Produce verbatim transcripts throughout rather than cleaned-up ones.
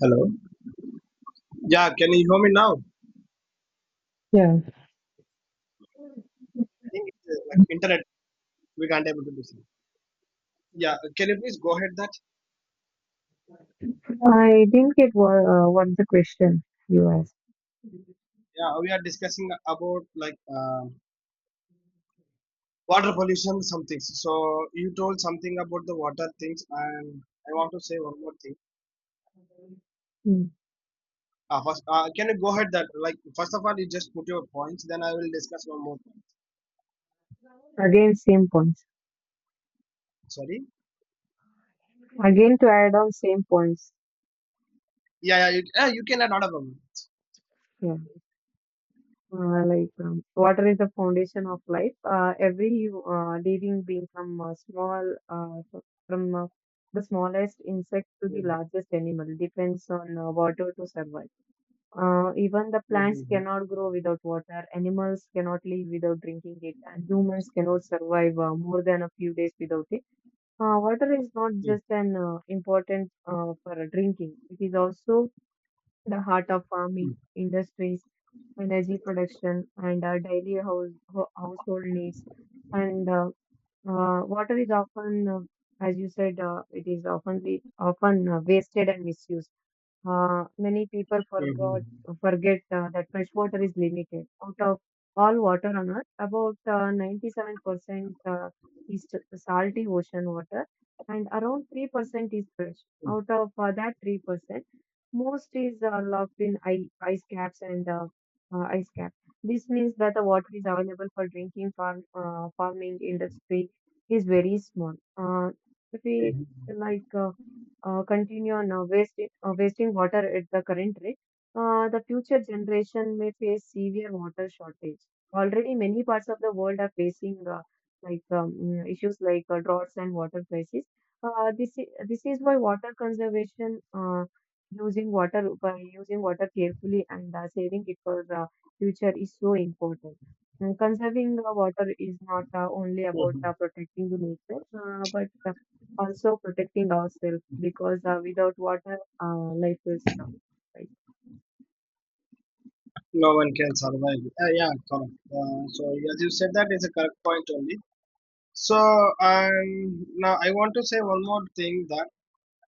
Hello. Yeah, can you hear me now? I Yeah. think it's uh, like internet. We can't able to listen. Yeah, can you please go ahead that? I didn't get what, uh, what the question you asked. Yeah, we are discussing about like uh, water pollution, some things. So you told something about the water things, and I want to say one more thing. Hmm. Uh, first, uh, can you go ahead that? Like first of all, you just put your points, then I will discuss one more point. Again, same points. Sorry. Again, to add on same points. Yeah, yeah, you, uh, you can add, not a problem. Yeah. Uh, like, um, water is the foundation of life. Uh, every uh, living being from uh, small, uh, from uh, the smallest insect to the Mhm, largest animal depends on uh, water to survive. Uh, even the plants mhm, cannot grow without water, animals cannot live without drinking it, and humans cannot survive uh, more than a few days without it. Uh, water is not mhm, just an uh, important uh, for drinking. It is also the heart of farming, mhm, industries, energy production, and uh, daily house, ho- household needs. And uh, uh, Water is often, uh, as you said, uh, it is often often uh, wasted and misused. Uh, many people mhm, forgot mhm, forget uh, that fresh water is limited. Out of all water on Earth, about uh, ninety-seven percent uh, is t- salty ocean water, and around three percent is fresh. Out of uh, that three percent, most is uh, locked in ice ice caps and uh, uh, ice cap. This means that the water is available for drinking, farm, uh, farming industry is very small. Uh, if we mhm, like. uh, uh, continue on uh, wasting, uh, wasting water at the current rate, uh, the future generation may face severe water shortage. Already, many parts of the world are facing uh, like um, mm, issues like uh, droughts and water crises. Uh, this is, this is why water conservation, uh, using water by using water carefully and uh, saving it for the future is so important. Mm, Conserving uh, water is not uh, only about uh, mhm, protecting the nature, uh, but uh, also protecting ourselves because uh, without water, uh, life is tough, right? no one can survive. Uh, yeah, correct. Uh, so as you said, that is a correct point only. So um, now I want to say one more thing that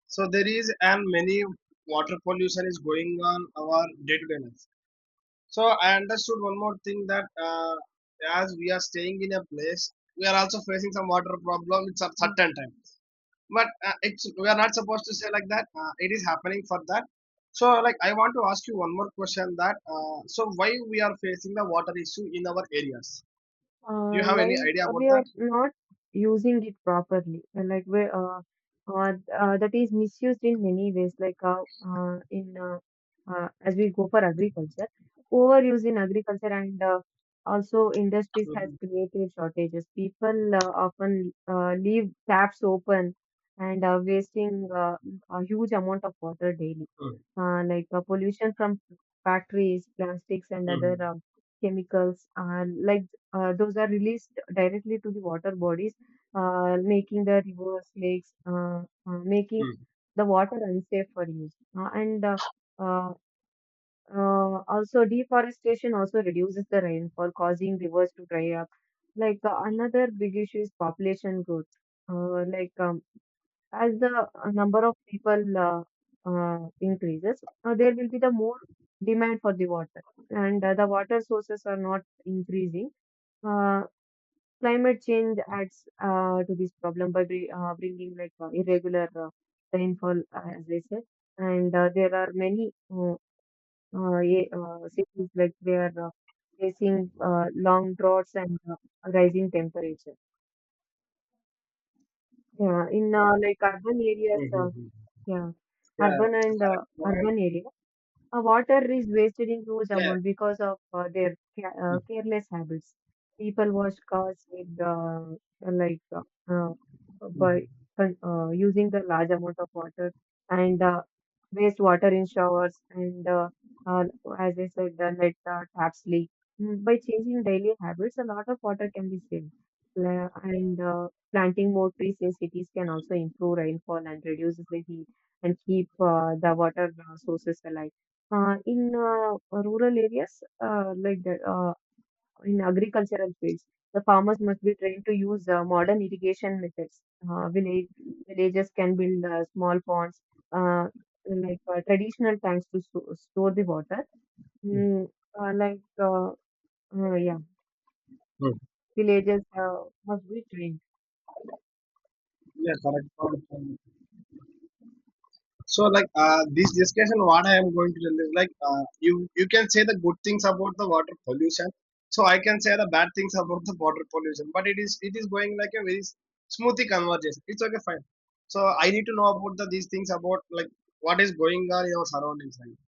so there is and many water pollution is going on our day to day life. So I understood one more thing that uh, as we are staying in a place, we are also facing some water problem. It's a certain time but uh, it's we are not supposed to say like that uh, it is happening for that. So like I want to ask you one more question that uh, so why we are facing the water issue in our areas? Do you Uh, have any like idea uh, about We that? are not using it properly, and like we uh, uh, uh, that is misused in many ways. Like uh, uh, in uh, uh, As we go for agriculture, overuse in agriculture and uh, also industries has Mhm. created shortages. People uh, often uh, leave taps open and uh, wasting uh, a huge amount of water daily. Mhm. Uh, like uh, pollution from factories, plastics, and other Mhm. um chemicals. Uh, like uh, those are released directly to the water bodies, uh, making the rivers, lakes, uh, uh, making Mhm. the water unsafe for use. Uh, and uh, uh, uh, Also deforestation also reduces the rainfall, causing rivers to dry up. Like uh, another big issue is population growth. Uh, like um, as the uh, number of people uh, uh, increases, uh, there will be the more demand for the water, and uh, the water sources are not increasing. Uh, Climate change adds uh, to this problem by bri- uh, bringing like uh, irregular uh, rainfall, uh, as I said. And uh, there are many uh, uh, ye- uh, cities like they are uh, facing uh, long droughts and uh, rising temperature. Yeah, in uh, like urban areas, uh, Mhm. Mhm. yeah, Yeah, urban and uh, correct point. urban areas. Uh, water is wasted in huge Yeah. amount because of uh, their ca- uh, Mhm. careless habits. People wash cars with uh, like uh, uh, by Mhm. uh, using the large amount of water and uh, waste water in showers and uh, uh, as I said, the net uh, taps leak. Mm, By changing daily habits, a lot of water can be saved. La- And uh, planting more trees in cities can also improve rainfall and reduces the heat and keep uh, the water uh, sources alive uh, in uh, rural areas, uh, like that, uh, in agricultural fields, the farmers must be trained to use uh, modern irrigation methods. Uh, village Villages can build uh, small ponds, uh, like uh, traditional tanks to sto- store the water. Mm, uh, like uh, uh, yeah, Mhm. Villages uh, must be trained. Yeah, correct point. So, like uh, this discussion, what I am going to tell is like uh, you you can say the good things about the water pollution. So I can say the bad things about the water pollution. But it is it is going like a very smoothly conversation. It's okay, fine. So I need to know about the these things about like what is going on in your surroundings, right?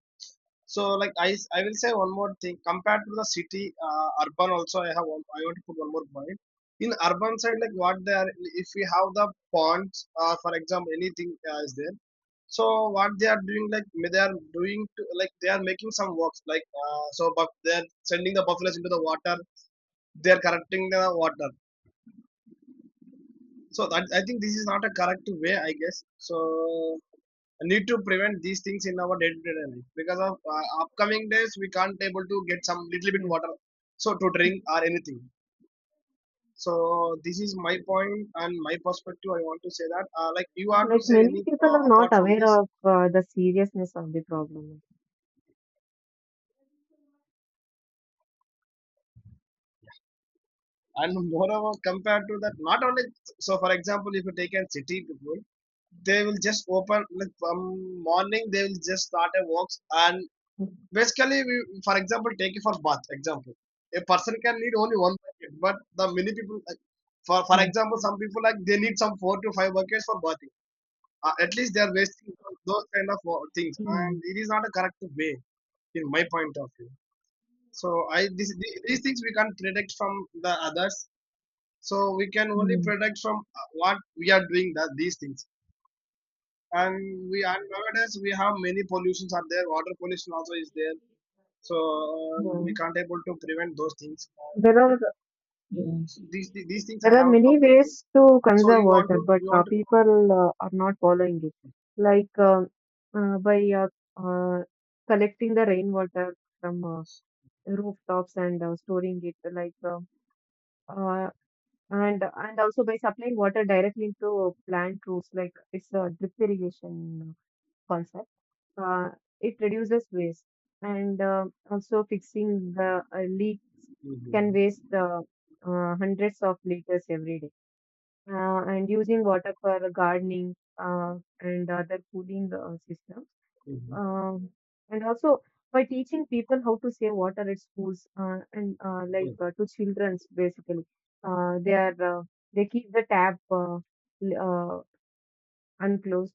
So, like I, s- I will say one more thing. Compared to the city, uh, urban also, I have one, I want to put one more point. In urban side, like what they are, if we have the ponds, uh, for example, anything uh, is there. So what they are doing, like may they are doing, to, like they are making some works, like uh, so, but they are sending the buffaloes into the water. They are correcting the water. So that I think this is not a correct way, I guess. So need to prevent these things in our day-to-day life, because of uh, upcoming days we can't able to get some little bit Yeah. water so to drink or anything. So this is my point and my perspective. I want to say that uh, like you want to Like say many any people uh, are not apart from aware this? of uh, the seriousness of the problem. And moreover, compared to that, not only so for example, if you take a city people, they will just open like from morning they will just start a walks and Mm, basically, we, for example, take it for bath. Example, a person can need only one bucket, but the many people, like, for for mm, example, some people like they need some four to five buckets for bathing. Uh, at least they are wasting on those kind of uh, things, and mm, it is not a correct way in my point of view. So I this, the- these things we can't predict from the others. So we can only mm. predict from uh, what we are doing, that these things. And we and nowadays we have many pollutions are there. Water pollution also is there, so um, we Yeah. can't able to prevent those things uh, There are. so these these things I There are have many about this. ways to So conserve you want water, to but you uh, want to people uh, are not following it. Like uh, uh, by uh, uh, Collecting the rainwater from uh, rooftops and uh, storing it, like uh, uh, and and also by supplying water directly into plant roots, like it's a drip irrigation concept. Uh, it reduces waste and uh, also fixing the uh, leak Mhm, can waste uh, uh, hundreds of liters every day uh, and using water for gardening uh, and other cooling uh, systems. mhm, Um, and also by teaching people how to save water at schools uh, and uh, like uh, to childrens basically, uh, they are uh, they keep the tap uh, l- uh, unclosed.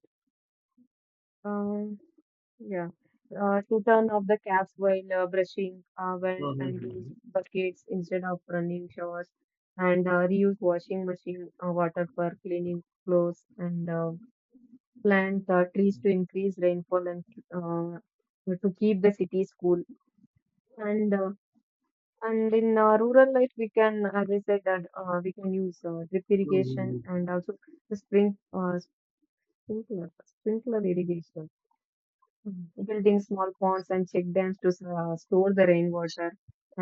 Um, yeah. Uh, to turn off the taps while uh, brushing, uh, well, mhm, and use mhm, buckets instead of running showers, and uh, reuse washing machine uh, water for cleaning clothes and uh, plant uh, trees to increase rainfall and uh, to keep the cities cool. And uh, and in uh, rural life, we can, as I said, that uh, we can use uh, drip irrigation and also the spring uh, sprinkler sprinkler irrigation, Mhm. building small ponds and check dams to uh, store the rainwater,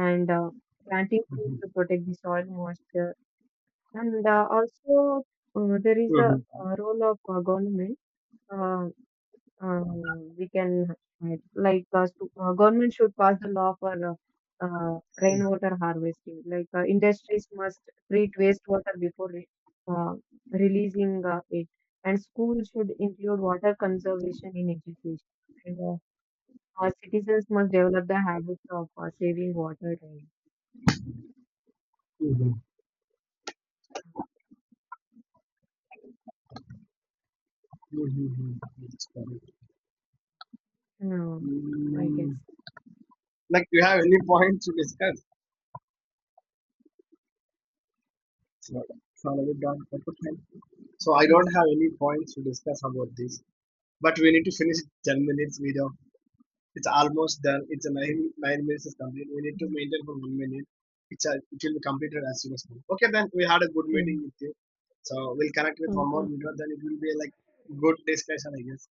and uh, planting trees to protect the soil moisture. And uh, also, uh, there is a, mhm, mhm, uh role of uh, government. Uh, Um, we can uh, like uh, stu- uh, government should pass the law for uh, uh, rainwater harvesting. Like uh, industries must treat wastewater before re uh, releasing uh, it, and schools should include water conservation in education. And uh, our citizens must develop the habit of uh, saving water. mhm, Right. mhm. That's correct. Um, I Mm, guess. like you have any points to discuss? So, so we don't have to find- so I don't Mm. have any points to discuss about this, but we need to finish ten minutes video. It's almost done. It's a nine nine minutes is complete. We need to Mm. maintain for one minute. It's a, it will be completed as soon as possible. Okay, then we had a good meeting Mm. with you. So we'll connect with one more Okay. video. Then it will be like good discussion, I guess.